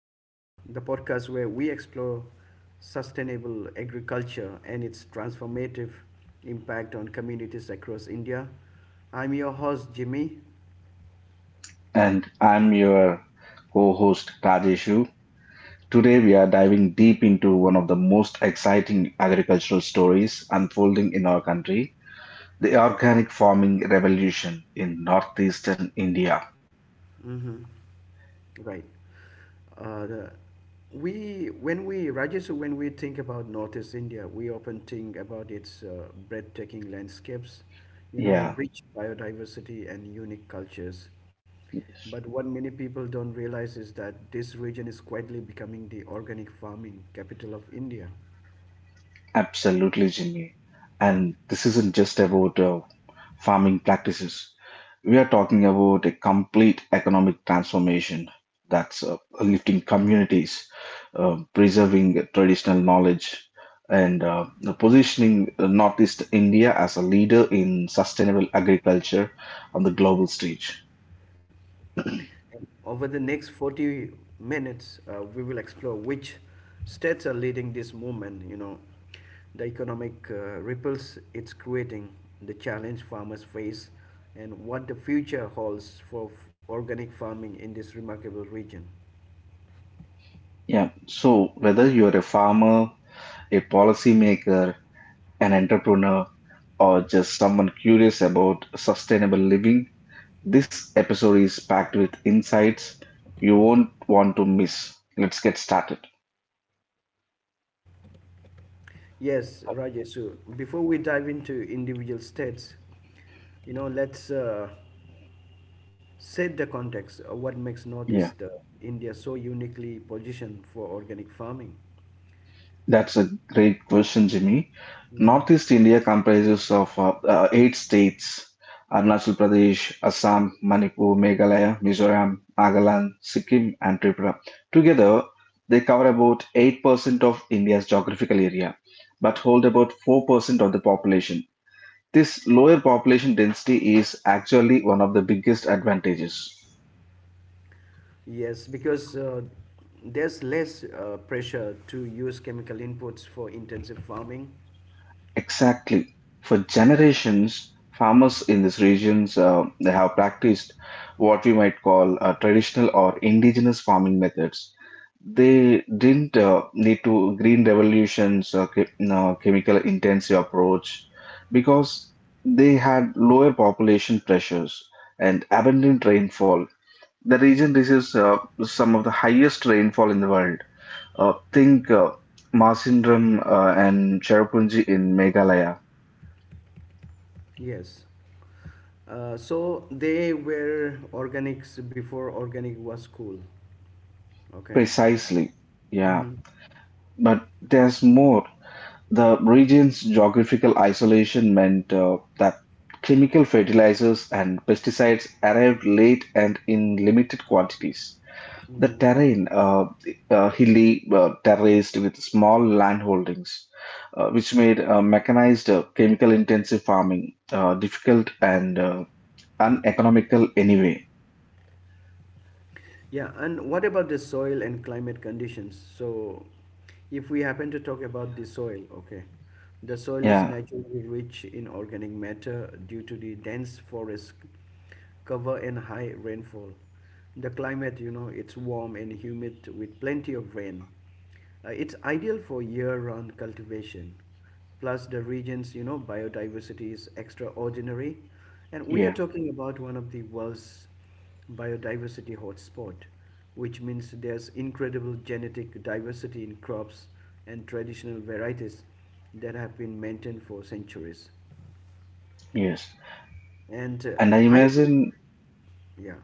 uh, the podcast where we explore sustainable agriculture and its transformative impact on communities across India. I'm your host, Jimmy. And I'm your co host, Rajeshu. Today, we are diving deep into one of the most exciting agricultural stories unfolding in our country, the organic farming revolution in northeastern India. Mhm. Right. The, we when we Rajesh, when we think about Northeast India, we often think about its breathtaking landscapes, you know, Yeah, rich biodiversity and unique cultures. But what many people don't realize is that this region is quietly becoming the organic farming capital of India. absolutely, Jimmy. And this isn't just about farming practices. We are talking about a complete economic transformation that's lifting communities, preserving traditional knowledge, and positioning Northeast India as a leader in sustainable agriculture on the global stage. Over the next 40 minutes, we will explore which states are leading this movement, you know, the economic ripples it's creating, the challenge farmers face, and what the future holds for organic farming in this remarkable region. Yeah, so whether you're a farmer, a policymaker, an entrepreneur, or just someone curious about sustainable living, this episode is packed with insights you won't want to miss. Let's get started. Yes, Rajesh, so before we dive into individual states, you know, let's set the context of what makes Yeah, Northeast India so uniquely positioned for organic farming. that's a great question, Jimmy. Northeast India comprises of eight states: Arunachal Pradesh, Assam, Manipur, Meghalaya, Mizoram, Nagaland, Sikkim, and Tripura. Together, they cover about 8% of India's geographical area, but hold about 4% of the population. This lower population density is actually one of the biggest advantages. Yes, because there's less pressure to use chemical inputs for intensive farming. Exactly. For generations, farmers in these regions they have practiced what we might call traditional or indigenous farming methods. They didn't need to green revolutions, chemical intensive approach, because they had lower population pressures and abundant rainfall. The region receives some of the highest rainfall in the world. Think Maasindram and Cherrapunji in Meghalaya. Yes. So they were organics before organic was cool. Okay. Precisely. Yeah. Mm-hmm. But there's more. The region's geographical isolation meant that chemical fertilizers and pesticides arrived late and in limited quantities. The Mm-hmm. terrain, hilly, terraced with small land holdings, which made mechanized, chemical-intensive farming difficult and uneconomical anyway. Yeah, and what about the soil and climate conditions? So, if we happen to talk about the soil, okay, the soil is Yeah, naturally rich in organic matter due to the dense forest cover and high rainfall. The climate, you know, it's warm and humid with plenty of rain. It's ideal for year-round cultivation. Plus, the region's you know biodiversity is extraordinary, and we are yeah, talking about one of the world's biodiversity hotspot, which means there's incredible genetic diversity in crops and traditional varieties that have been maintained for centuries. yes. And And I I imagine, yeah.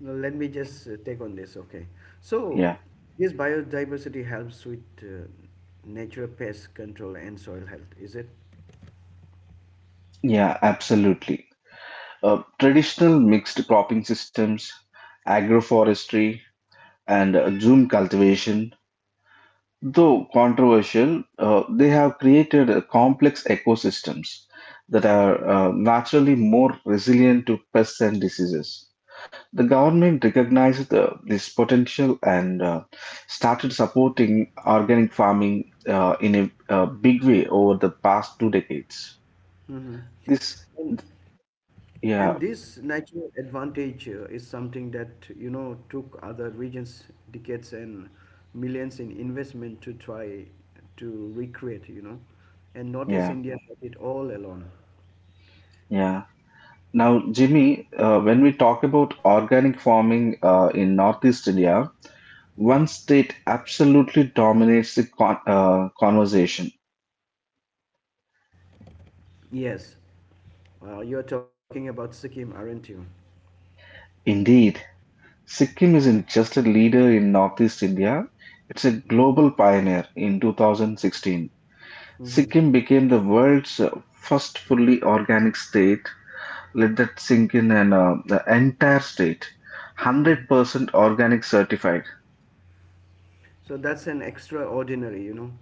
Now, let me just take on this. Okay. So, yeah, this biodiversity helps with natural pest control and soil health, is it? yeah, absolutely. Traditional mixed cropping systems, agroforestry, and zoom cultivation, though controversial, they have created complex ecosystems that are naturally more resilient to pests and diseases. The government recognized this potential and started supporting organic farming in a big way over the past 2 decades. Mm-hmm. This, And, and yeah, this natural advantage is something that, you know, took other regions decades and millions in investment to try to recreate, you know. And notice yeah, India had it all alone. yeah. Now, Jimmy, when Mm. we talk about organic farming in Northeast India, one state absolutely dominates the conversation. Yes. Well, you're talking about Sikkim, aren't you? Indeed, Sikkim isn't just a leader in Northeast India, it's a global pioneer in 2016. Mm-hmm. Sikkim became the world's first fully organic state. Let that sink in, and the entire state, 100% organic certified. So that's an extraordinary, you know.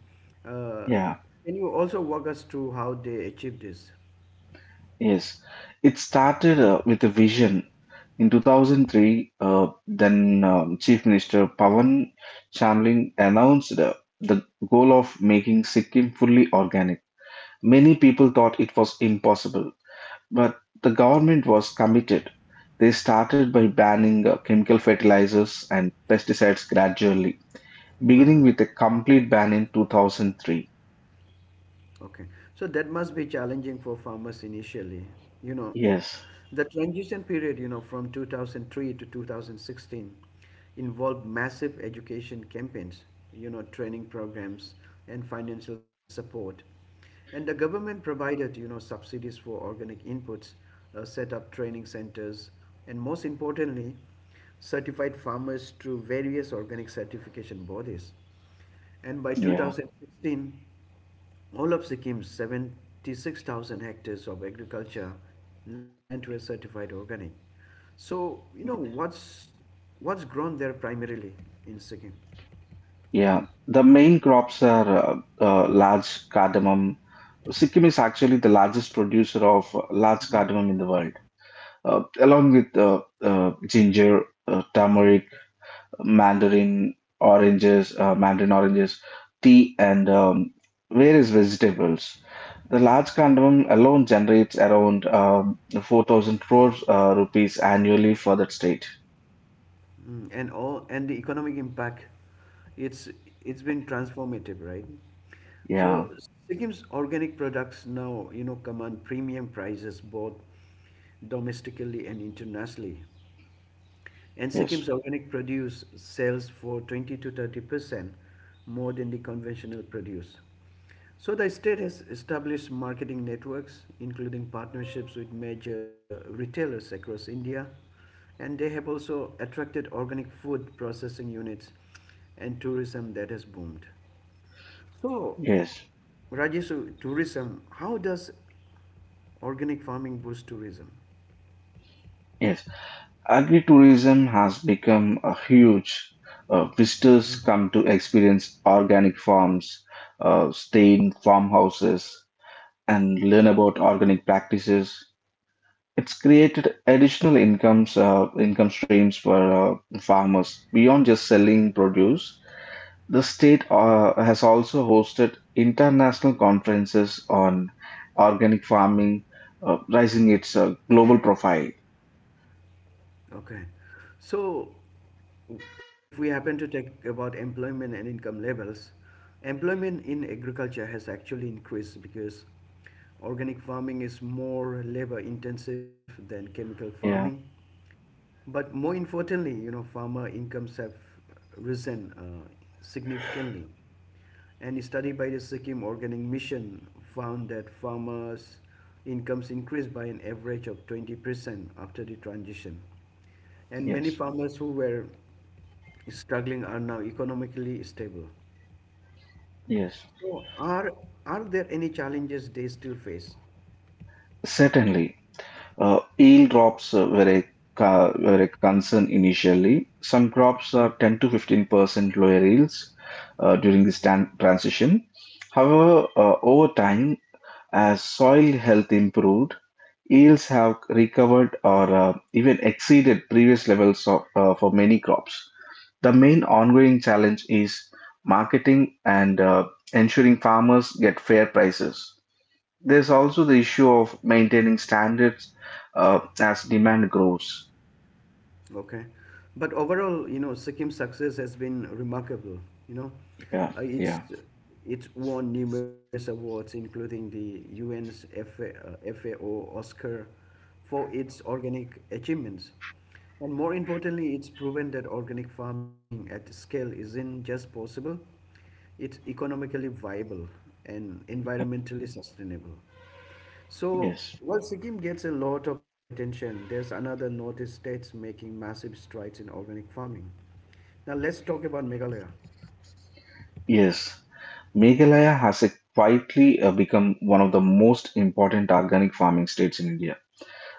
Uh, Yeah, can you also walk us through how they achieved this? yes. It started with a vision in 2003, then Chief Minister Pawan Chamling announced the goal of making Sikkim fully organic. Many people thought it was impossible, but the government was committed. They started by banning chemical fertilizers and pesticides gradually, beginning Uh-huh. with a complete ban in 2003. Okay. So that must be challenging for farmers initially. You know, Yes, the transition period, you know, from 2003 to 2016 involved massive education campaigns, you know, training programs and financial support. And the government provided, you know, subsidies for organic inputs, set up training centers, and most importantly, certified farmers through various organic certification bodies. And by yeah, 2016, all of Sikkim's 76,000 hectares of agriculture land were certified organic. So, you know, what's grown there primarily in Sikkim? yeah. The main crops are large cardamom. Sikkim is actually the largest producer of large cardamom in the world, along with ginger, turmeric, mandarin oranges, tea, and various vegetables. The large cardamom alone generates around 4,000 crores rupees annually for that state. Mm, and all and the economic impact it's it's been transformative, right? Yeah, So Sikkim's organic products now, you know, command premium prices both domestically and internationally. And yes, Sikkim's organic produce sells for 20 to 30% more than the conventional produce. So the state has established marketing networks, including partnerships with major retailers across India, and they have also attracted organic food processing units and tourism that has boomed. So, yes, Rajesh, so tourism, how does organic farming boost tourism? yes. Agritourism has become a huge. Visitors come to experience organic farms, stay in farmhouses, and learn about organic practices. It's created additional income streams for farmers beyond just selling produce. The state has also hosted international conferences on organic farming, raising its global profile. Okay. So, if we happen to talk about employment and income levels, employment in agriculture has actually increased because organic farming is more labor intensive than chemical farming. Yeah. But more importantly, you know, farmer incomes have risen significantly. And a study by the Sikkim Organic Mission found that farmers' incomes increased by an average of 20% after the transition and many Yes. farmers who were struggling are now economically stable. Yes. So, are there any challenges they still face? Certainly. Yield drops were a concern initially. Some Hmm. crops are 10 to 15% lower yields during this transition. However, over time, as soil health improved, yields have recovered or even exceeded previous levels of, for many crops. The main ongoing challenge is marketing and ensuring farmers get fair prices. There's also the issue of maintaining standards as demand grows. Okay. But overall, you know, Sikkim's success has been remarkable. You know, Yeah, uh, it's yeah, it's won numerous awards, including the UN's FAO Oscar, for its organic achievements. And more importantly, it's proven that organic farming at scale isn't just possible, it's economically viable and environmentally sustainable. So, yes, while Sikkim gets a lot of attention, there's another northeast states making massive strides in organic farming. Now, let's talk about Meghalaya. yes. Meghalaya has quietly become one of the most important organic farming states in India.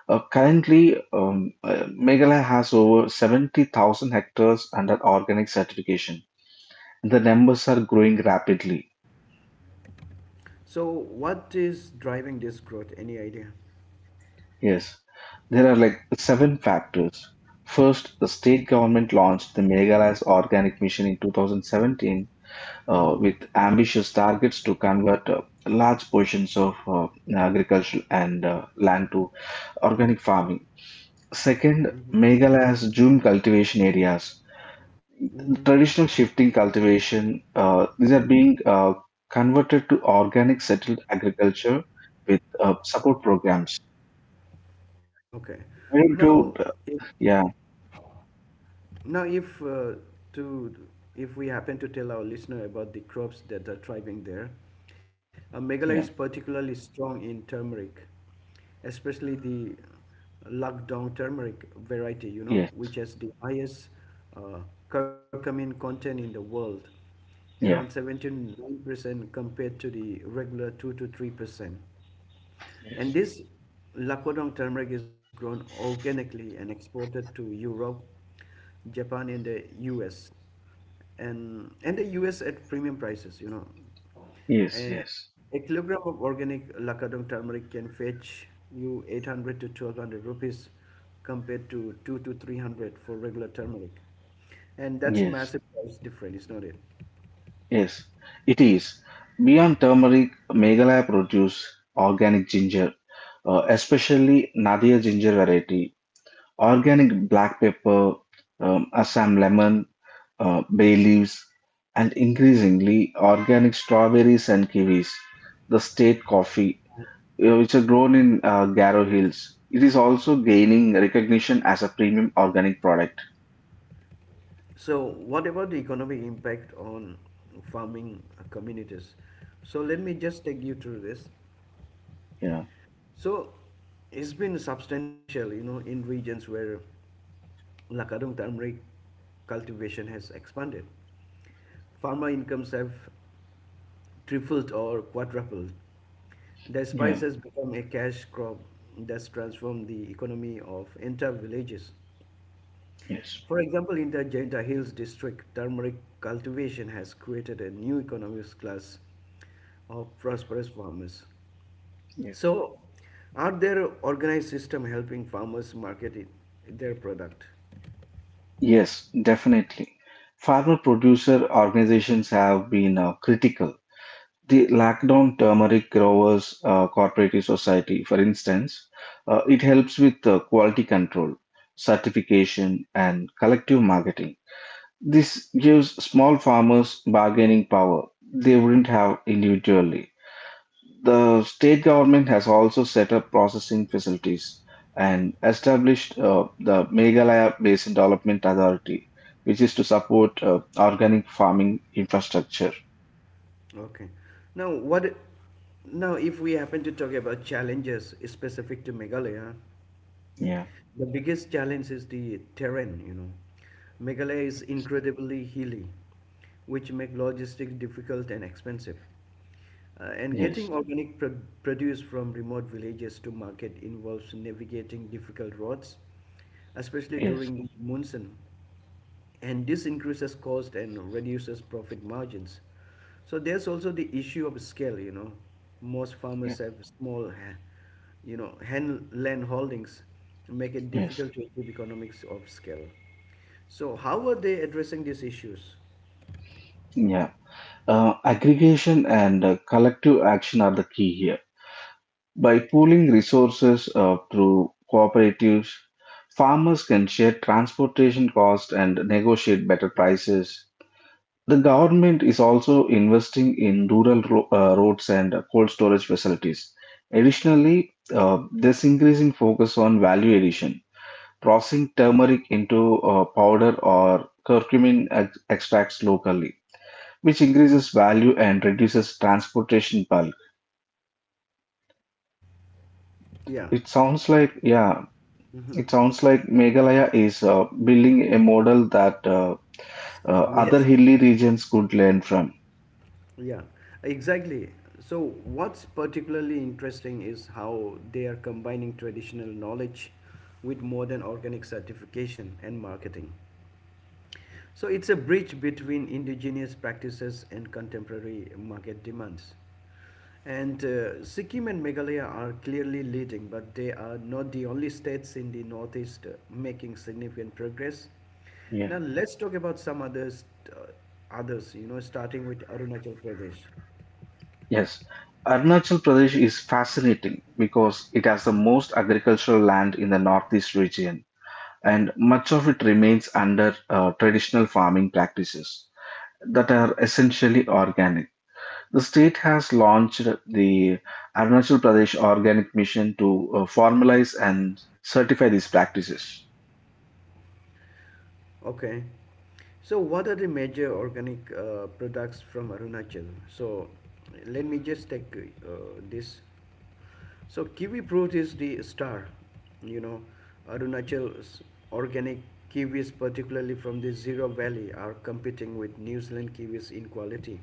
Currently, Meghalaya has over 70,000 hectares under organic certification. The numbers are growing rapidly. So, what is driving this growth? Any idea? Yes, there are like seven factors. First, the state government launched the Meghalaya's Organic Mission in 2017 Mm-hmm. with ambitious targets to convert large portions of agricultural and land to organic farming. Second, Mm-hmm. Meghalaya has June cultivation areas. Mm-hmm. Traditional shifting cultivation, these are being converted to organic settled agriculture with support programs. Okay. Why don't Now, you, Yeah, Now, if to if we happen to tell our listener about the crops that are thriving there, Meghalaya yeah, is particularly strong in turmeric, especially the Lakdong turmeric variety, you yes, know, which has the highest uh, curcumin content in the world, yeah, around 79% compared to the regular 2 to 3%. yes, And this Lakodong turmeric is grown organically and exported to Europe, Japan, and the US. And the US at premium prices, you know. yes, yes, Uh, a kilogram of organic Lakadong turmeric can fetch you 800 to 1200 rupees compared to 2 to 300 for regular turmeric. And that's yes. massive price difference, is not it? Yes, it is. Beyond turmeric, Meghalaya produce organic ginger, especially Nadia ginger variety, organic black pepper, Assam lemon, bay leaves, and increasingly organic strawberries and kiwis. The state coffee, which are grown in Garo Hills, it is also gaining recognition as a premium organic product. So, what about the economic impact on farming communities? So, let me just take you through this. Yeah, So, it's been substantial, you know, in regions where Lakadong turmeric cultivation has expanded. Farmer incomes have tripled or quadrupled. The spice yeah, has become a cash crop that's transformed the economy of entire villages. yes. For example, in the Jenta Hills district, turmeric cultivation has created a new economic class of prosperous farmers. So, are there organized system helping farmers market it, their product? Yes, definitely. Farmer producer organizations have been critical. The Lockdown Turmeric Growers Cooperative Society, for instance, it helps with quality control, certification, and collective marketing. This gives small farmers bargaining power they wouldn't have individually. The state government has also set up processing facilities and established the Meghalaya Basin Development Authority, which is to support organic farming infrastructure. Okay. Now, what? Now, if we happen to talk about challenges specific to Meghalaya, Yeah. the biggest challenge is the terrain, you know. Meghalaya is incredibly hilly, which make logistics difficult and expensive. And Yes. getting organic produce from remote villages to market involves navigating difficult roads, especially Yes. during monsoon and this increases cost and reduces profit margins. So there's also the issue of scale. You know, most Yeah. farmers have you know, hen land holdings, make it Yes. difficult to achieve economics of scale. So how are they addressing these issues? Yeah. Aggregation and collective action are the key here. By pooling resources through cooperatives, farmers can share transportation costs and negotiate better prices. The government is also investing in rural roads and cold storage facilities. Additionally, there's increasing focus on value addition, processing turmeric into powder or curcumin extracts locally, which increases value and reduces transportation bulk. Yeah. It sounds like, yeah, it sounds like Meghalaya is building a model that uh, other Yes. hilly regions could learn from. Yeah, exactly. So, what's particularly interesting is how they are combining traditional knowledge with modern organic certification and marketing. So it's a bridge between indigenous practices and contemporary market demands. And Sikkim and Meghalaya are clearly leading, but they are not the only states in the Northeast making significant progress. Now let's talk about some others, uh, others. You know, starting with Arunachal Pradesh. Yes, Arunachal Pradesh is fascinating because it has the most agricultural land in the northeast region, and much of it remains under traditional farming practices that are essentially organic. The state has launched the Arunachal Pradesh Organic Mission to formalize and certify these practices. Okay. So, what are the major organic products from Arunachal? So, let me just take uh, this. So, kiwi fruit is the star. You know, Arunachal's organic kiwis, particularly from the Zero Valley, are competing with New Zealand kiwis in quality.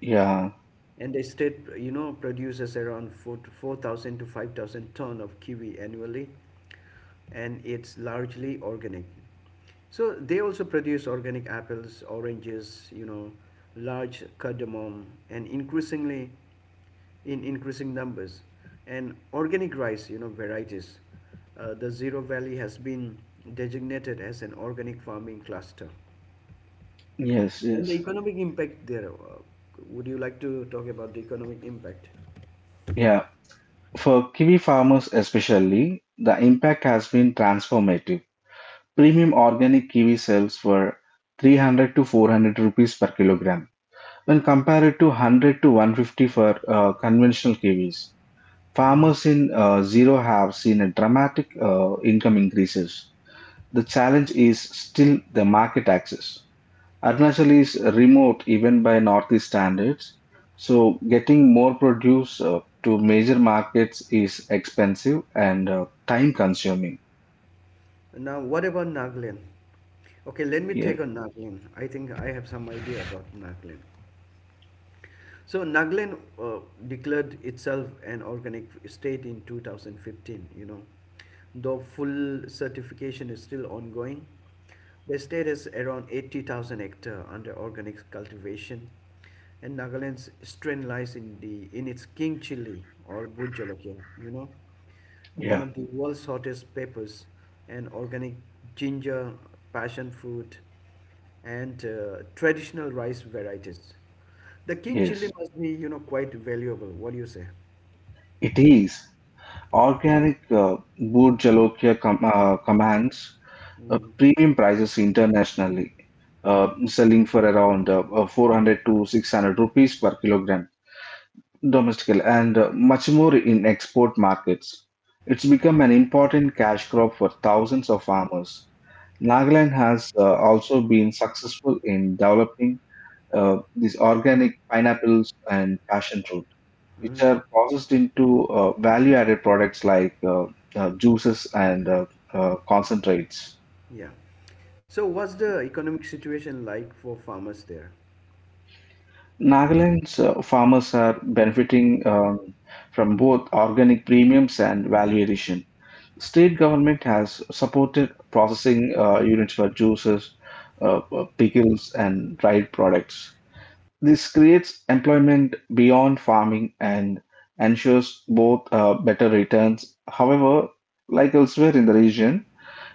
Yeah, And the state, you know, produces around 4 4,000 to 5,000 ton of kiwi annually, and it's largely organic. So they also produce organic apples, oranges, you know, large cardamom, and increasingly in increasing numbers. And organic rice, you know, varieties. The Zero Valley has been designated as an organic farming cluster. yes, And the yes. economic impact there, would you like to talk about the economic impact? Yeah, for kiwi farmers especially, the impact has been transformative. Premium organic kiwi sales were 300 to 400 rupees per kilogram when compared to 100 to 150 for conventional kiwis. Farmers in zero have seen a dramatic income increases. The challenge is still the market access. Arunachal is remote even by northeast standards, so getting more produce to major markets is expensive and time consuming. Now, what about Nagaland? Okay, let me Yeah, take on Nagaland. I think I have some idea about Nagaland. So Nagaland declared itself an organic state in 2015, you know. Though full certification is still ongoing, the state has around 80,000 hectare under organic cultivation, and Nagaland's strength lies in its king chili or Bhut Jolokia, you know one yeah, of the world's hottest peppers, and organic ginger, passion fruit, and traditional rice varieties. The king chili yes, must be, you know, quite valuable. What do you say? it is. Organic Boor Jalokia commands Mm. premium prices internationally, selling for around 400 to 600 rupees per kilogram domestically and much more in export markets. It's become an important cash crop for thousands of farmers. Nagaland has also been successful in developing these organic pineapples and passion fruit which Mm, are processed into value-added products like juices and concentrates. yeah. So, what's the economic situation like for farmers there? Nagaland's farmers are benefiting from both organic premiums and value addition. State government has supported processing units for juices, pickles, and dried products. This creates employment beyond farming and ensures both better returns. However, like elsewhere in the region,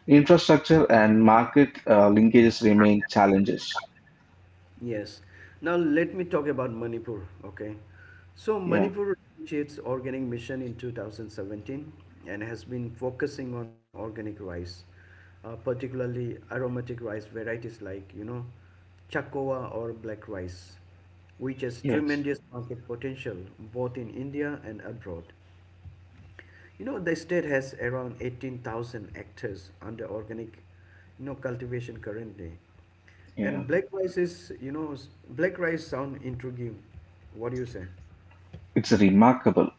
infrastructure and market linkages remain challenges. Yes. Now let me talk about Manipur, okay? So Yeah, Manipur launched its organic mission in 2017 and has been focusing on organic rice, particularly aromatic rice varieties like, you know, Chakowa or black rice, which has yes, tremendous market potential both in India and abroad. You know, the state has around 18,000 hectares under organic, you know, cultivation currently. yeah. And black rice is, you know, black rice sound intriguing. What do you say? It's remarkable.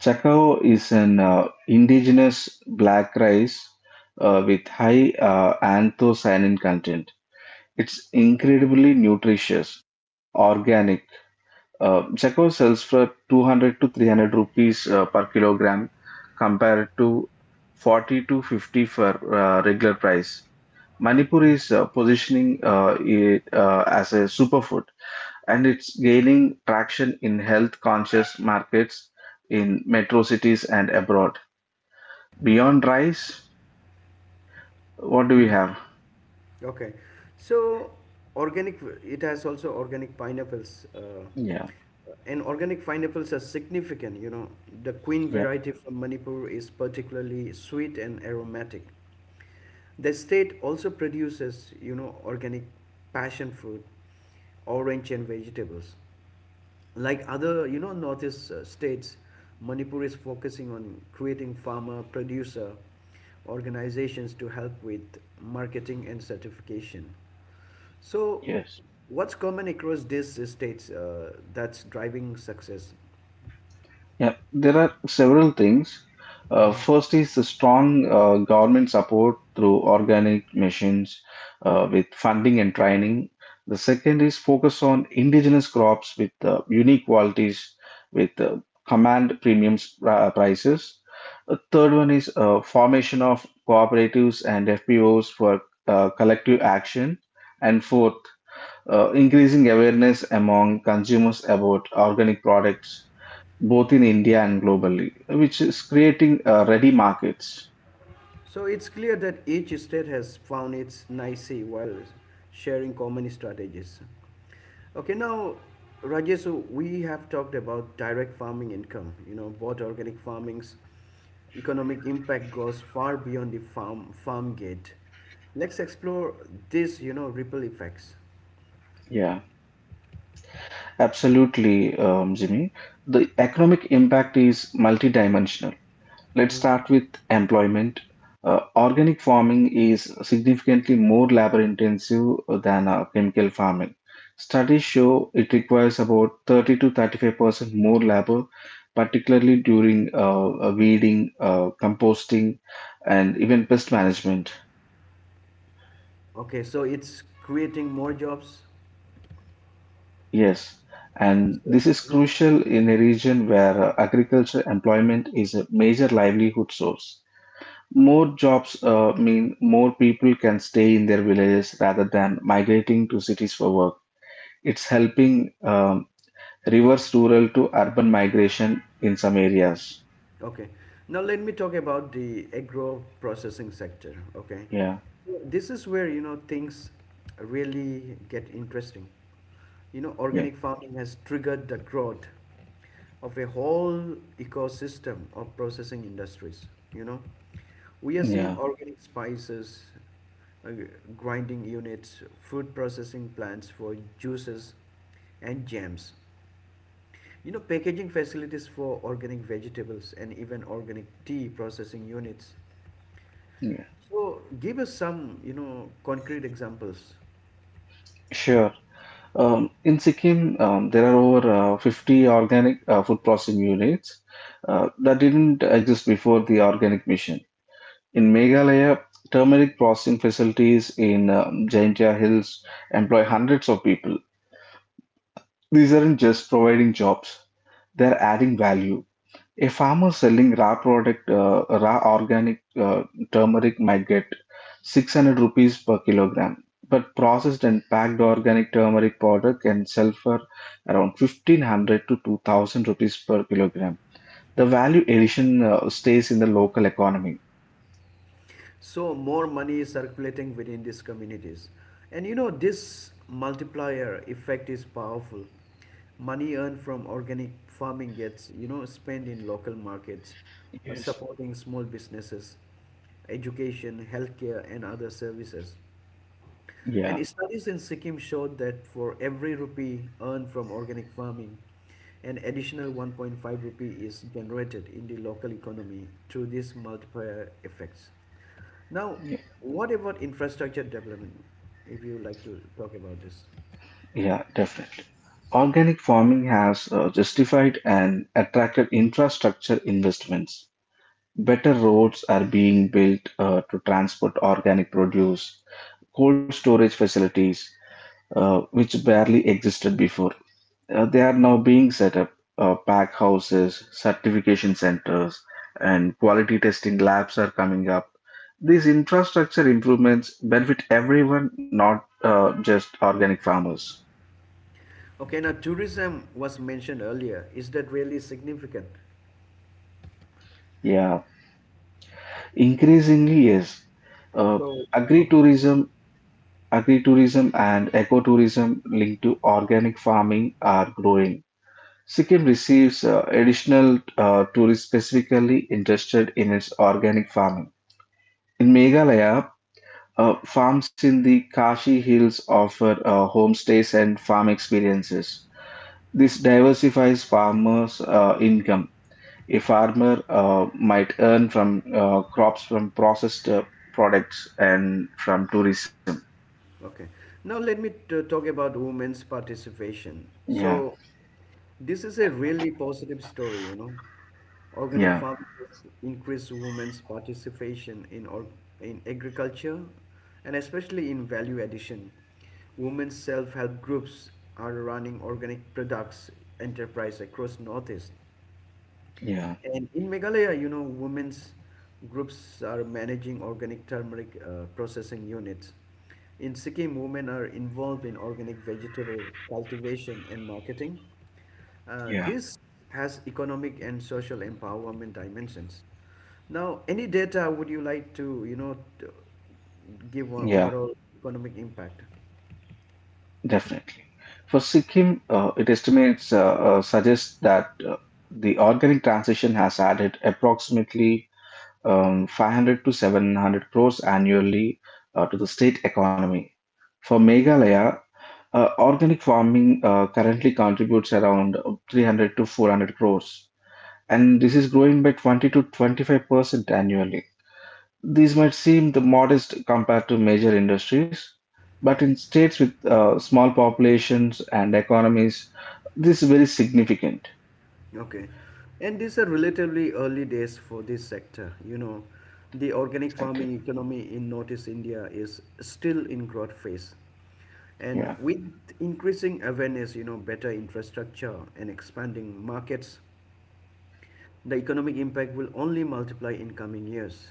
Chacao is an indigenous black rice with high anthocyanin content. It's incredibly nutritious, organic. Chacao sells for 200 to 300 rupees per kilogram compared to 40 to 50 for regular price. Manipur is positioning it as a superfood, and it's gaining traction in health conscious markets in metro cities and abroad. Beyond rice, what do we have? Okay, so organic it has also organic pineapples. Uh, Yeah, and organic pineapples are significant. You know, the queen yeah, variety from Manipur is particularly sweet and aromatic. The state also produces, you know, organic passion fruit, orange and vegetables. Like other, you know, northeast states, Manipur is focusing on creating farmer producer organizations to help with marketing and certification. So, yes. what's common across these states that's driving success? Yeah, there are several things. Mhm. First is the strong government support through organic missions with funding and training. The second is focus on indigenous crops with unique qualities with command premiums prices. The third one is formation of cooperatives and FPOs for collective action. And fourth, increasing awareness among consumers about organic products both in India and globally, which is creating ready markets. So, it's clear that each state has found its niche while sharing common strategies. Okay, now, Rajesh, so we have talked about direct farming income, you know, both organic farmings economic impact goes far beyond the farm gate. Let's explore this, you know, ripple effects. Yeah, absolutely, Jimmy. The economic impact is multidimensional. Let's Mhm. start with employment. Organic farming is significantly more labor intensive than chemical farming. Studies show it requires about 30 to 35% more labor, particularly during weeding, composting, and even pest management. Okay, so it's creating more jobs. Yes, and this is crucial in a region where agriculture employment is a major livelihood source. More jobs mean more people can stay in their villages rather than migrating to cities for work. It's helping reverse rural to urban migration in some areas. Okay. Now let me talk about the agro processing sector. Okay. Yeah, So this is where, you know, things really get interesting. You know, yeah, organic farming has triggered the growth of a whole ecosystem of processing industries. You know, we are seeing yeah, organic spices, uh, grinding units, fruit processing plants for juices and jams. You know, packaging facilities for organic vegetables and even organic tea processing units. yeah. So, give us some, you know, concrete examples. Sure. In Sikkim, there are over 50 organic food processing units that didn't exist before the organic mission. In Meghalaya, turmeric processing facilities in Jaintia Hills employ hundreds of people. These aren't just providing jobs, they're adding value. A farmer selling raw product, raw organic turmeric might get 600 rupees per kilogram, but processed and packed organic turmeric powder can sell for around 1,500 to 2,000 rupees per kilogram. The value addition stays in the local economy. So, more money is circulating within these communities. And you know, this multiplier effect is powerful. Money earned from organic farming gets, you know, spent in local markets, Yes. supporting small businesses, education, healthcare, and other services. Yeah. And studies in Sikkim showed that for every rupee earned from organic farming, an additional 1.5 rupee is generated in the local economy through these multiplier effects. Now, what about infrastructure development? If you like to talk about this. Yeah, definitely. Organic farming has justified and attracted infrastructure investments. Better roads are being built to transport organic produce, cold storage facilities, which barely existed before. They are now being set up. Pack houses, certification centers, and quality testing labs are coming up. These infrastructure improvements benefit everyone, not just organic farmers. Okay, now tourism was mentioned earlier. Is that really significant? Yeah. Increasingly, yes. Uh, So, okay. Agritourism, agritourism and ecotourism linked to organic farming are growing. Sikkim receives additional tourists specifically interested in its organic farming. In Meghalaya, farms in the Kashi Hills offer homestays and farm experiences. This diversifies farmers' income. A farmer might earn from crops, from processed products, and from tourism. Okay. Now let me talk about women's participation. Yeah, So this is a really positive story, you know. Organic yeah, farming has increased women's participation in or in agriculture and especially in value addition. Women's self-help groups are running organic products enterprise across Northeast. yeah, And in Meghalaya, you know, women's groups are managing organic turmeric processing units. In Sikkim, women are involved in organic vegetable cultivation and marketing. Uh, yeah, this has economic and social empowerment dimensions. Now, any data would you like to, you know, to give one yeah, overall economic impact? definitely. For Sikkim, it estimates suggests that the organic transition has added approximately 500 to 700 crores annually to the state economy. For Meghalaya, organic farming currently contributes around 300 to 400 crores, and this is growing by 20 to 25% annually. These might seem the modest compared to major industries, but in states with small populations and economies, this is very significant. Okay. And these are relatively early days for this sector. You know, the organic Exactly. farming economy in Northeast India is still in growth phase. And Yeah. with increasing awareness, you know, better infrastructure and expanding markets, the economic impact will only multiply in coming years.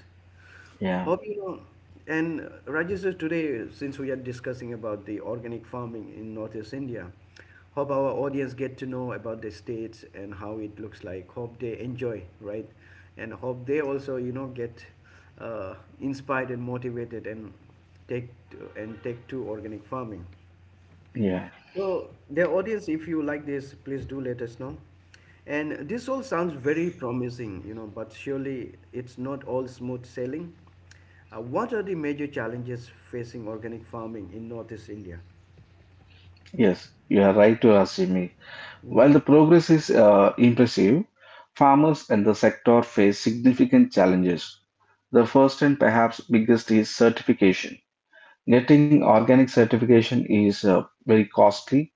Yeah. Hope you know, and Rajesh, today, since we are discussing about the organic farming in Northeast India, hope our audience get to know about the states and how it looks like. Hope they enjoy, right? And hope they also, you know, get uh, inspired and motivated and take to organic farming. Yeah. So, dear audience, if you like this, please do let us know. And this all sounds very promising, you know, but surely it's not all smooth sailing. What are the major challenges facing organic farming in Northeast India? Yes, you are right to Asimi. While the progress is impressive, farmers and the sector face significant challenges. The first and perhaps biggest is certification. Getting organic certification is very costly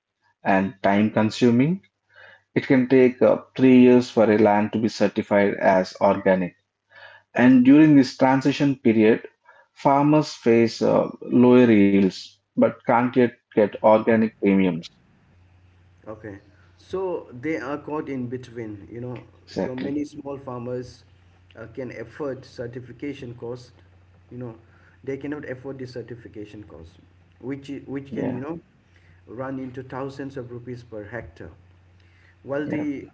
and time consuming. It can take 3 years for a land to be certified as organic. And during this transition period, farmers face lower yields but can't yet get organic premiums. Okay. So they are caught in between, you know. So Exactly. many small farmers can afford certification cost, you know. They cannot afford the certification cost, which can, Yeah, you know, run into thousands of rupees per hectare. While yeah, the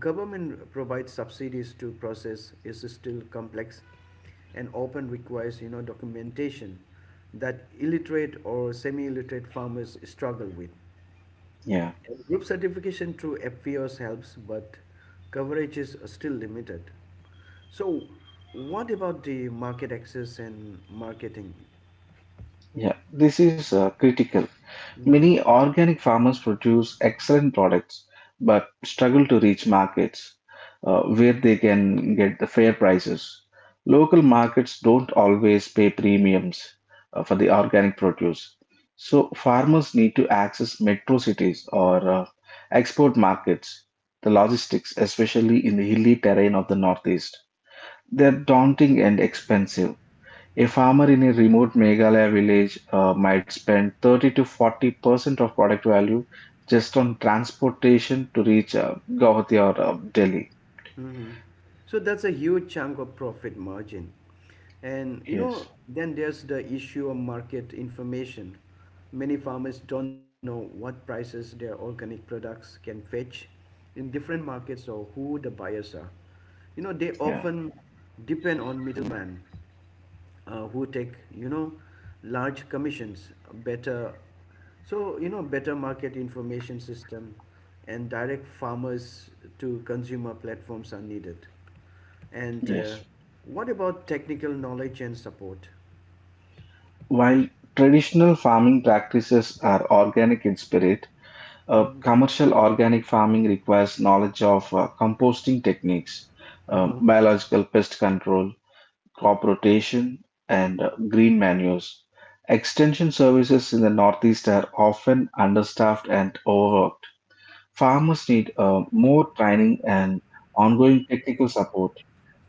government provides subsidies to process is still complex and often requires, you know, documentation that illiterate or semi-illiterate farmers struggle with. yeah, And Group certification through FPOs helps, but coverage is still limited. So, what about the market access and marketing? yeah. This is critical. Mhm. Many organic farmers produce excellent products but struggle to reach markets where they can get the fair prices. Local markets don't always pay premiums for the organic produce. So, farmers need to access metro cities or export markets. The logistics, especially in the hilly terrain of the Northeast, they're daunting and expensive. A farmer in a remote Meghalaya village might spend 30 to 40% of product value just on transportation to reach Guwahati or Delhi. Mhm. So that's a huge chunk of profit margin. And you know, Yes, then there's the issue of market information. Many farmers don't know what prices their organic products can fetch in different markets or who the buyers are. You know, they yeah, often depend on middlemen who take you know large commissions better so you know better market information system and direct farmers to consumer platforms are needed and yes. what about technical knowledge and support. While traditional farming practices are organic in spirit, Mhm. commercial organic farming requires knowledge of composting techniques, Uh-huh. biological pest control, crop rotation, and green manures. Extension services in the Northeast are often understaffed and overworked. Farmers need more training and ongoing technical support.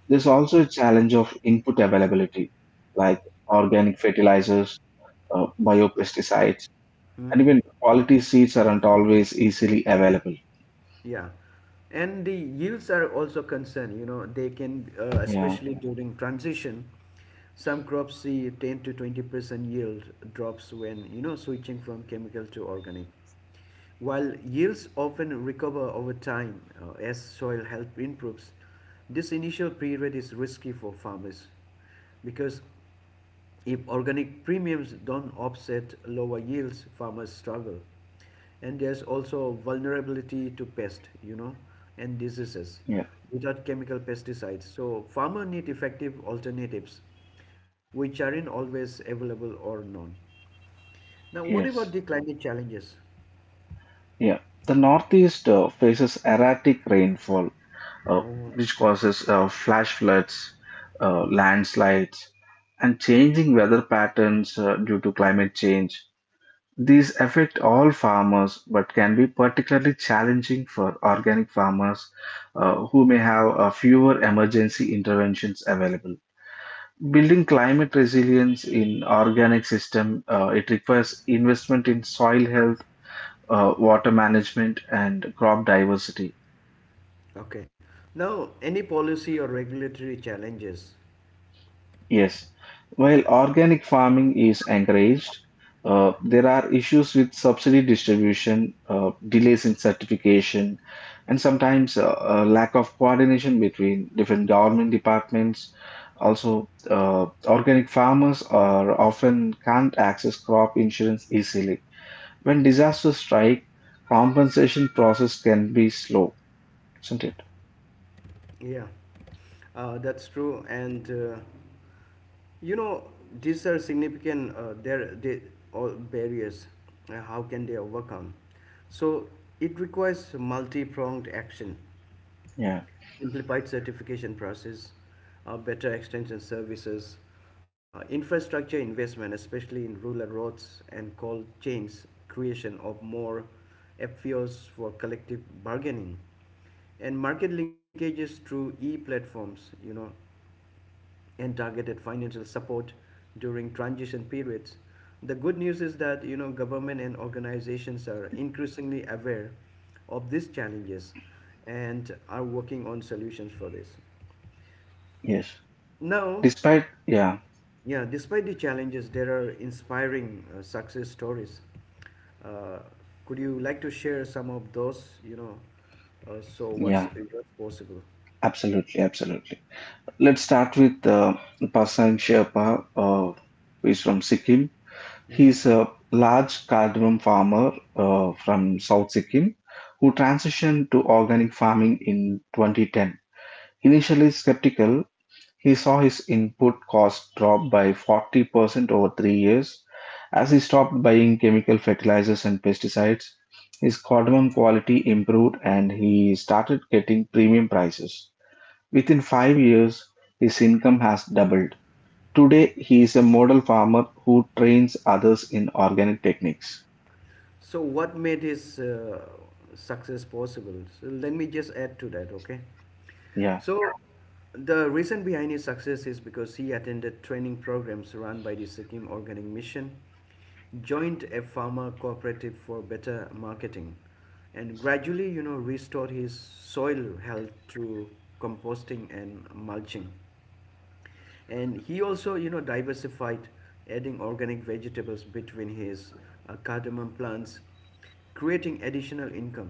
There's also a challenge of input availability, like organic fertilizers, biopesticides, and even quality seeds aren't always easily available. Yeah, and the yields are also concerned. You know, they can, Yeah, especially during transition, some crops see 10 to 20% yield drops when you know switching from chemical to organic. While yields often recover over time as soil health improves, this initial period is risky for farmers because if organic premiums don't offset lower yields, farmers struggle. And there's also vulnerability to pest, you know, and diseases yeah, without chemical pesticides. So farmer need effective alternatives, which aren't always available or known. Now, what about the yes, climate challenges? yeah. The Northeast faces erratic rainfall uh, Oh, which causes flash floods, landslides, and changing weather patterns due to climate change. These affect all farmers but can be particularly challenging for organic farmers who may have fewer emergency interventions available. Building climate resilience in organic system, it requires investment in soil health, water management, and crop diversity. okay. Now, any policy or regulatory challenges? Yes, while organic farming is encouraged, there are issues with subsidy distribution, delays in certification, and sometimes a lack of coordination between different government departments. Also, organic farmers are often can't access crop insurance easily. When disasters strike, compensation process can be slow, isn't it? Yeah, that's true. And you know, these are significant. They all barriers. How can they overcome? So it requires multi-pronged action Yeah, simplified certification process, better extension services, infrastructure investment, especially in rural roads and cold chains, creation of more FPOs for collective bargaining, and market linkages through e-platforms, you know, and targeted financial support during transition periods. The good news is that you know government and organizations are increasingly aware of these challenges and are working on solutions for this. yes. Now, Yeah, yeah, despite the challenges, there are inspiring success stories. Uh, could you like to share some of those? You know, so yeah, what's possible? absolutely, absolutely. Let's start with Pasan Sherpa, who is from Sikkim. He's a large cardamom farmer from South Sikkim who transitioned to organic farming in 2010. Initially skeptical, he saw his input cost drop by 40% over 3 years as he stopped buying chemical fertilizers and pesticides. His cardamom quality improved and he started getting premium prices. Within 5 years, his income has doubled. Today, he is a model farmer who trains others in organic techniques. So, what made his success possible? So, let me just add to that, okay? Yeah, So, the reason behind his success is because he attended training programs run by the Sikkim Organic Mission, joined a farmer cooperative for better marketing, and gradually, you know, restored his soil health through composting and mulching, and he also you know diversified, adding organic vegetables between his cardamom plants, creating additional income.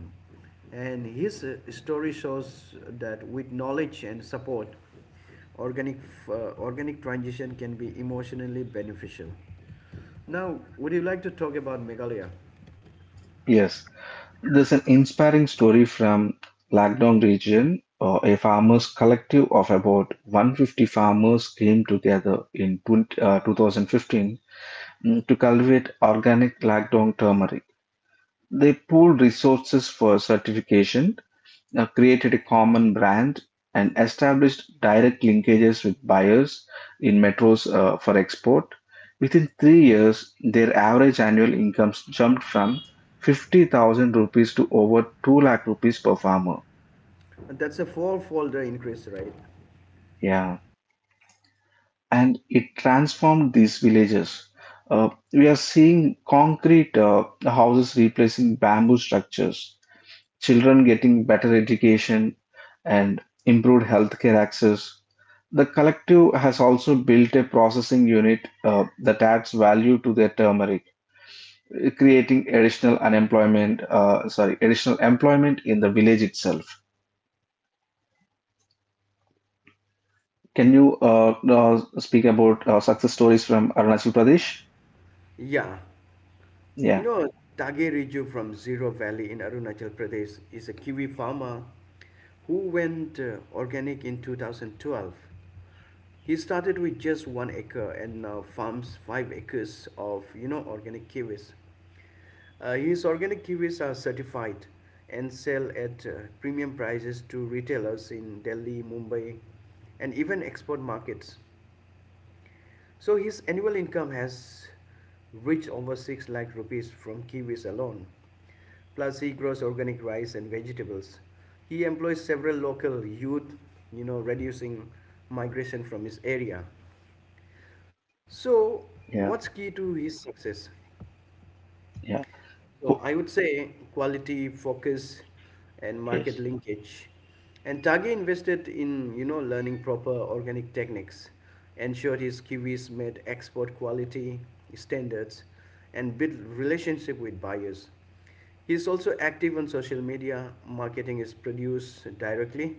And his story shows that with knowledge and support organic organic transition can be emotionally beneficial. Now would you like to talk about megalia, yes. There's an inspiring story from Lagdong region. A farmers' collective of about 150 farmers came together in 2015 , to cultivate organic Lagdong turmeric. They pooled resources for certification, created a common brand, and established direct linkages with buyers in metros for export. Within 3 years, their average annual incomes jumped from 50,000 rupees to over 2 lakh rupees per farmer. and that's a four folder increase, right? Yeah, and it transformed these villages. We are seeing concrete houses replacing bamboo structures, children getting better education, and improved healthcare access. The collective has also built a processing unit that adds value to their turmeric, creating additional unemployment, sorry, additional employment in the village itself. Can you speak about success stories from Arunachal Pradesh? Yeah. You Yeah, know, Tage Riju from Zero Valley in Arunachal Pradesh is a Kiwi farmer who went organic in 2012. He started with just 1 acre and now farms 5 acres of you know organic kiwis. His organic kiwis are certified and sell at premium prices to retailers in Delhi, Mumbai, and even export markets. So his annual income has reached over 6 lakh rupees from kiwis alone. Plus he grows organic rice and vegetables. He employs several local youth, you know, reducing migration from his area. So yeah, what's key to his success? yeah. So Co- I would say quality, focus, and market yes, linkage. And Tage invested in you know learning proper organic techniques, ensured his kiwis met export quality standards, and built relationship with buyers. He is also active on social media, marketing his produce directly.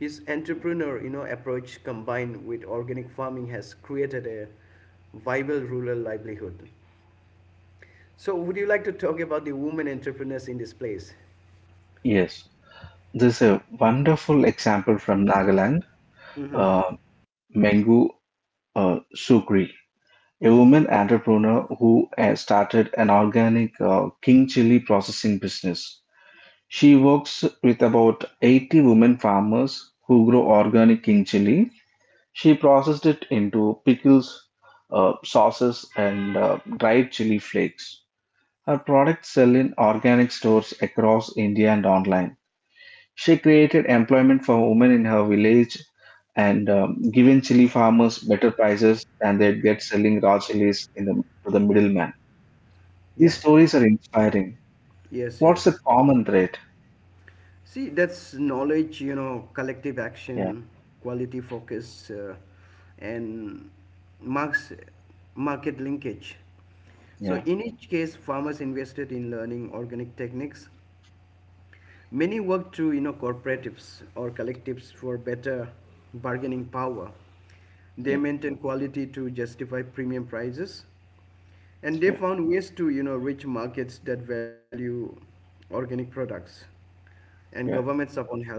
His entrepreneur, you know, approach combined with organic farming has created a viable rural livelihood. So, would you like to talk about the women entrepreneurs in this place? yes. There's a wonderful example from Nagaland, Mm-hmm. uh, Mengu Sukri, a woman entrepreneur who started an organic king chili processing business. She works with about 80 women farmers who grow organic in Chile. She processed it into pickles, sauces, and dried chili flakes. Her products sell in organic stores across India and online. She created employment for women in her village and given chili farmers better prices than they'd get selling raw chilies in the, to the middleman. These Yeah. stories are inspiring. Yes, What's the yes. common thread? See, that's knowledge, you know, collective Yeah, action, quality focus, and marks, market linkage. So, yeah, in each case, farmers invested in learning organic techniques. Many work through you know cooperatives or collectives for better bargaining power. They yeah, maintain quality to justify premium prices, and they yeah, found ways to you know reach markets that value organic products, and yeah, government support help,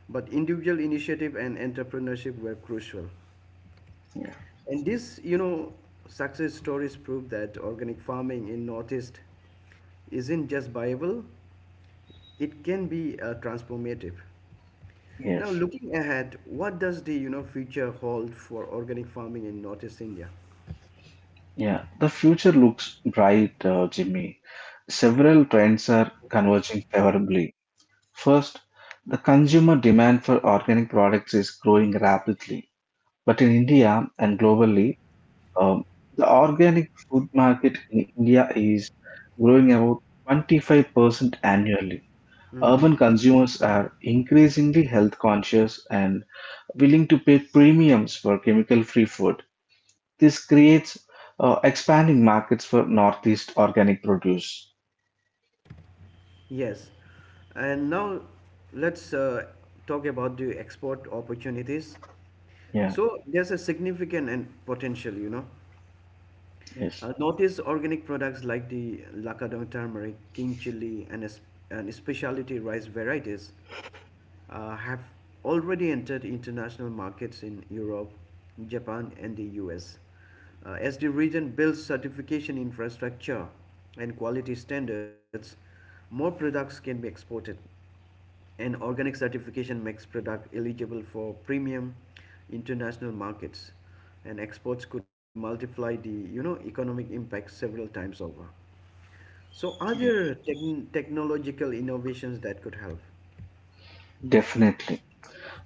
but individual initiative and entrepreneurship were crucial. yeah. And this, you know, success stories prove that organic farming in Northeast isn't just viable, it can be transformative. Now, Yes, looking ahead, what does the you know future hold for organic farming in Northeast India? yeah. The future looks bright, Jimmy. Several trends are converging favorably. First, the consumer demand for organic products is growing rapidly. But in India and globally, um, the organic food market in India is growing about 25% annually. Hmm. Urban consumers are increasingly health conscious and willing to pay premiums for chemical-free food. This creates expanding markets for Northeast organic produce. Yes, and now let's talk about the export opportunities. Yeah, So there's a significant and potential, you know. yes, Notice organic products like the Lakadong turmeric, king chili, and specialty rice varieties have already entered international markets in Europe, Japan, and the US. As the region builds certification infrastructure and quality standards, more products can be exported. An organic certification makes product eligible for premium international markets, and exports could multiply the you know economic impact several times over. So are yeah, there technological innovations that could help? definitely.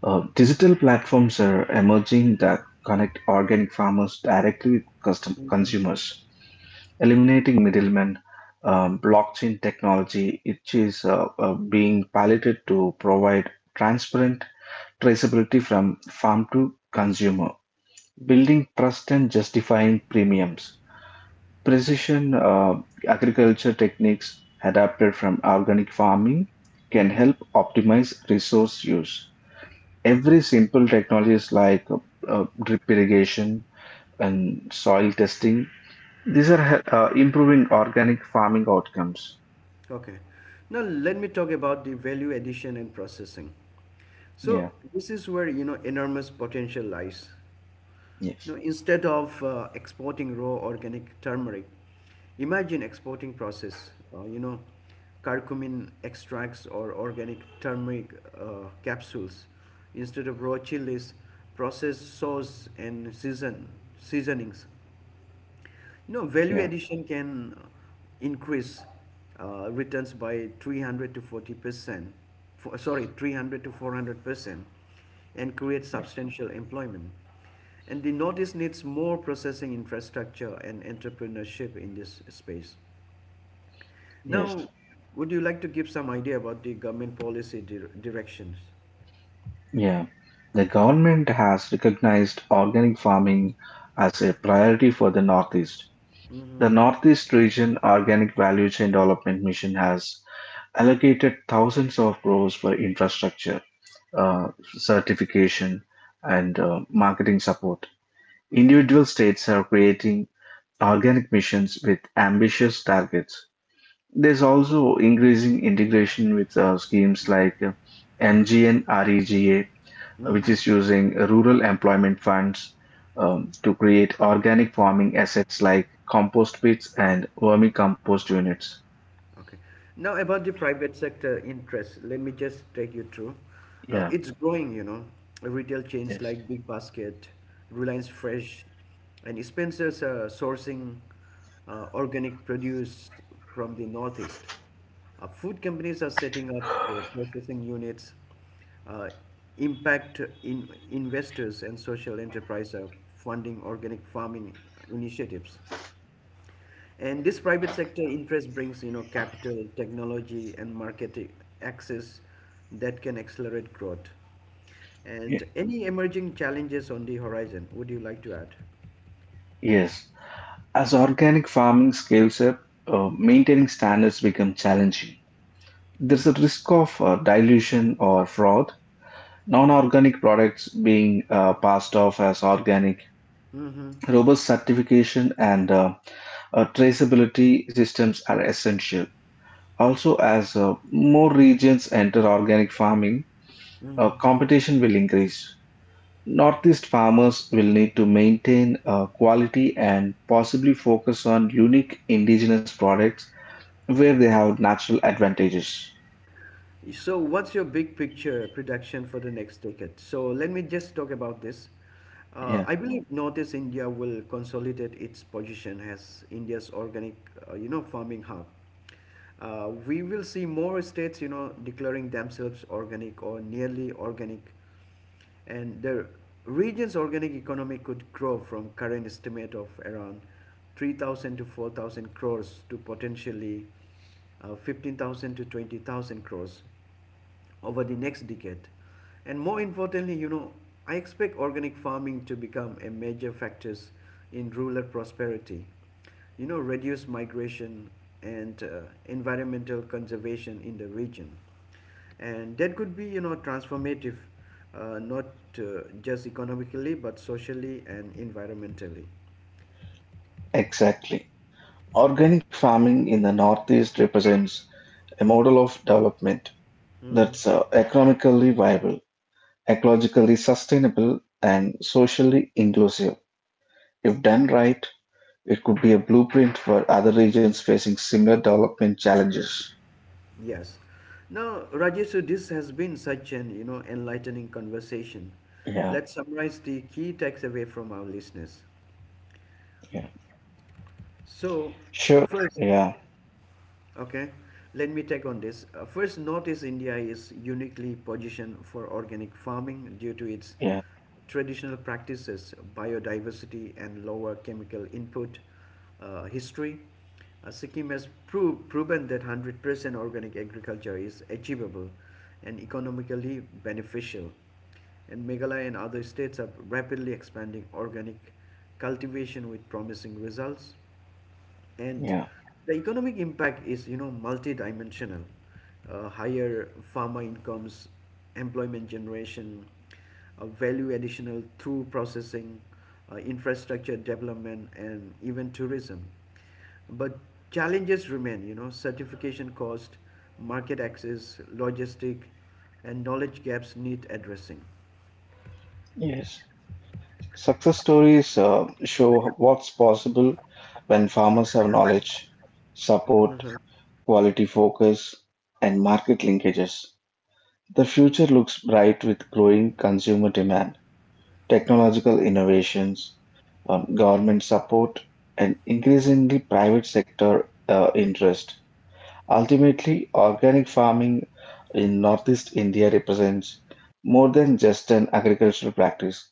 Digital platforms are emerging that connect organic farmers directly with custom consumers, eliminating middlemen. Blockchain technology, which is being piloted to provide transparent traceability from farm to consumer, building trust and justifying premiums. Precision agriculture techniques adapted from organic farming can Hmm. help optimize resource use. Every Okay. simple technologies like drip irrigation and soil testing, these are improving organic farming outcomes. Okay. Now let me talk about the value addition and processing. So Yeah, this is where you know enormous potential lies. yes, Now, instead of exporting raw organic turmeric, imagine exporting you know, curcumin extracts or organic turmeric capsules. Instead of raw chilies, processed sauce and seasonings. No, value yeah, addition can increase returns by 300 to 40%, for, sorry, 300 to 400%, and create yeah, substantial employment. And the notice needs more processing infrastructure and entrepreneurship in this space. yes, Now, would you like to give some idea about the government policy directions? yeah. The government has recognized organic farming as a priority for the Northeast. Mm-hmm. The Northeast Region Organic Value Chain Development Mission has allocated thousands of crores for infrastructure, certification, and marketing support. Individual states are creating organic missions with ambitious targets. There's also increasing integration with schemes like MGN REGA, which Mm-hmm. is using rural employment funds to create organic farming assets like compost pits and vermicompost units. Okay. Now, about the private sector interest, let me just take you through. Yeah, It's growing, you know. Retail chains yes. like Big Basket, Reliance Fresh, and Spencer's are sourcing organic produce from the Northeast. Food companies are setting up processing units. Uh, investors and social enterprise are funding organic farming initiatives. And this private sector interest brings, you know, capital, technology, and market access that can accelerate growth. And Ye- any emerging challenges on the horizon? Would you like to add? yes. As organic farming scales up, maintaining standards become challenging. There's a risk of dilution or fraud, non-organic products being passed off as organic. Mm-hmm. Robust certification and traceability systems are essential. Also, as more regions enter organic farming, competition will increase. Northeast farmers will need to maintain quality and possibly focus on unique indigenous products where they have natural advantages. So, what's your big picture prediction for the next decade? So, let me just talk about this. I Yeah, believe Northeast India will consolidate its position as India's organic, you know, farming hub. We will see more states, you know, declaring themselves organic or nearly organic, and the region's organic economy could grow from current estimate of around 3000 to 4000 crores to potentially 15,000 to 20,000 crores over the next decade. And more importantly, you know, I expect organic farming to become a major factors in rural prosperity, you know, reduce migration, and environmental conservation in the region, and that could be you know transformative, not just economically but socially and environmentally. exactly. Organic farming in the Northeast represents a model of development Hmm. that's economically viable, ecologically sustainable, and socially inclusive. If done right, it could be a blueprint for other regions facing similar development challenges. Yes, now, Rajesh, so this has been such an you know enlightening conversation. Yeah, Let's summarize the key takeaway from our listeners. yeah, So sure. first, Yeah, okay, let me take on this. First, notice India is uniquely positioned for organic farming due to its yeah, traditional practices, biodiversity, and lower chemical input history. Sikkim has proven that 100% organic agriculture is achievable and economically beneficial. And Meghalaya and other states are rapidly expanding organic cultivation with promising results. And yeah, the economic impact is, you know, multidimensional. Higher farmer incomes, employment generation, value additional through processing, infrastructure development, and even tourism. But challenges remain, you know, certification cost, market access, logistic, and knowledge gaps need addressing. yes. Success stories show what's possible when farmers have knowledge, support, quality focus, and market linkages. The future looks bright with growing consumer demand, technological innovations, government support, and increasingly private sector interest. Ultimately, organic farming in Northeast India represents more than just an agricultural practice.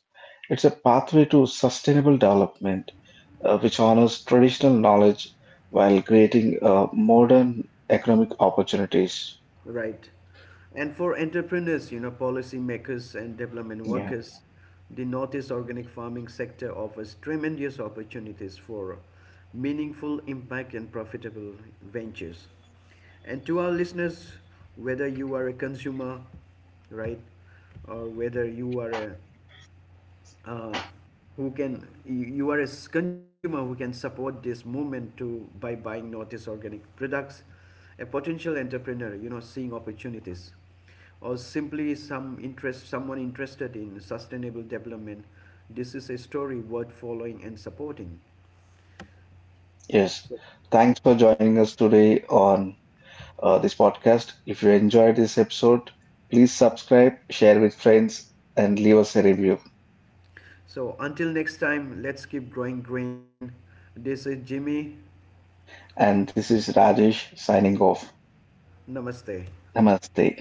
It's a pathway to sustainable development, which honors traditional knowledge while creating modern economic opportunities. Right. And for entrepreneurs, you know, policy makers and development Yeah, workers, the Northeast organic farming sector offers tremendous opportunities for meaningful impact and profitable ventures. And to our listeners, whether you are a consumer, right, or whether you are a uh, you are a consumer who can support this movement to by buying notice organic products, a potential entrepreneur, you know, seeing opportunities, or simply some interest someone interested in sustainable development, this is a story worth following and supporting. yes. Thanks for joining us today on this podcast. If you enjoyed this episode, please subscribe, share with friends, and leave us a review. So until next time, let's keep growing green. This is Jimmy. And this is Rajesh signing off. Namaste. Namaste.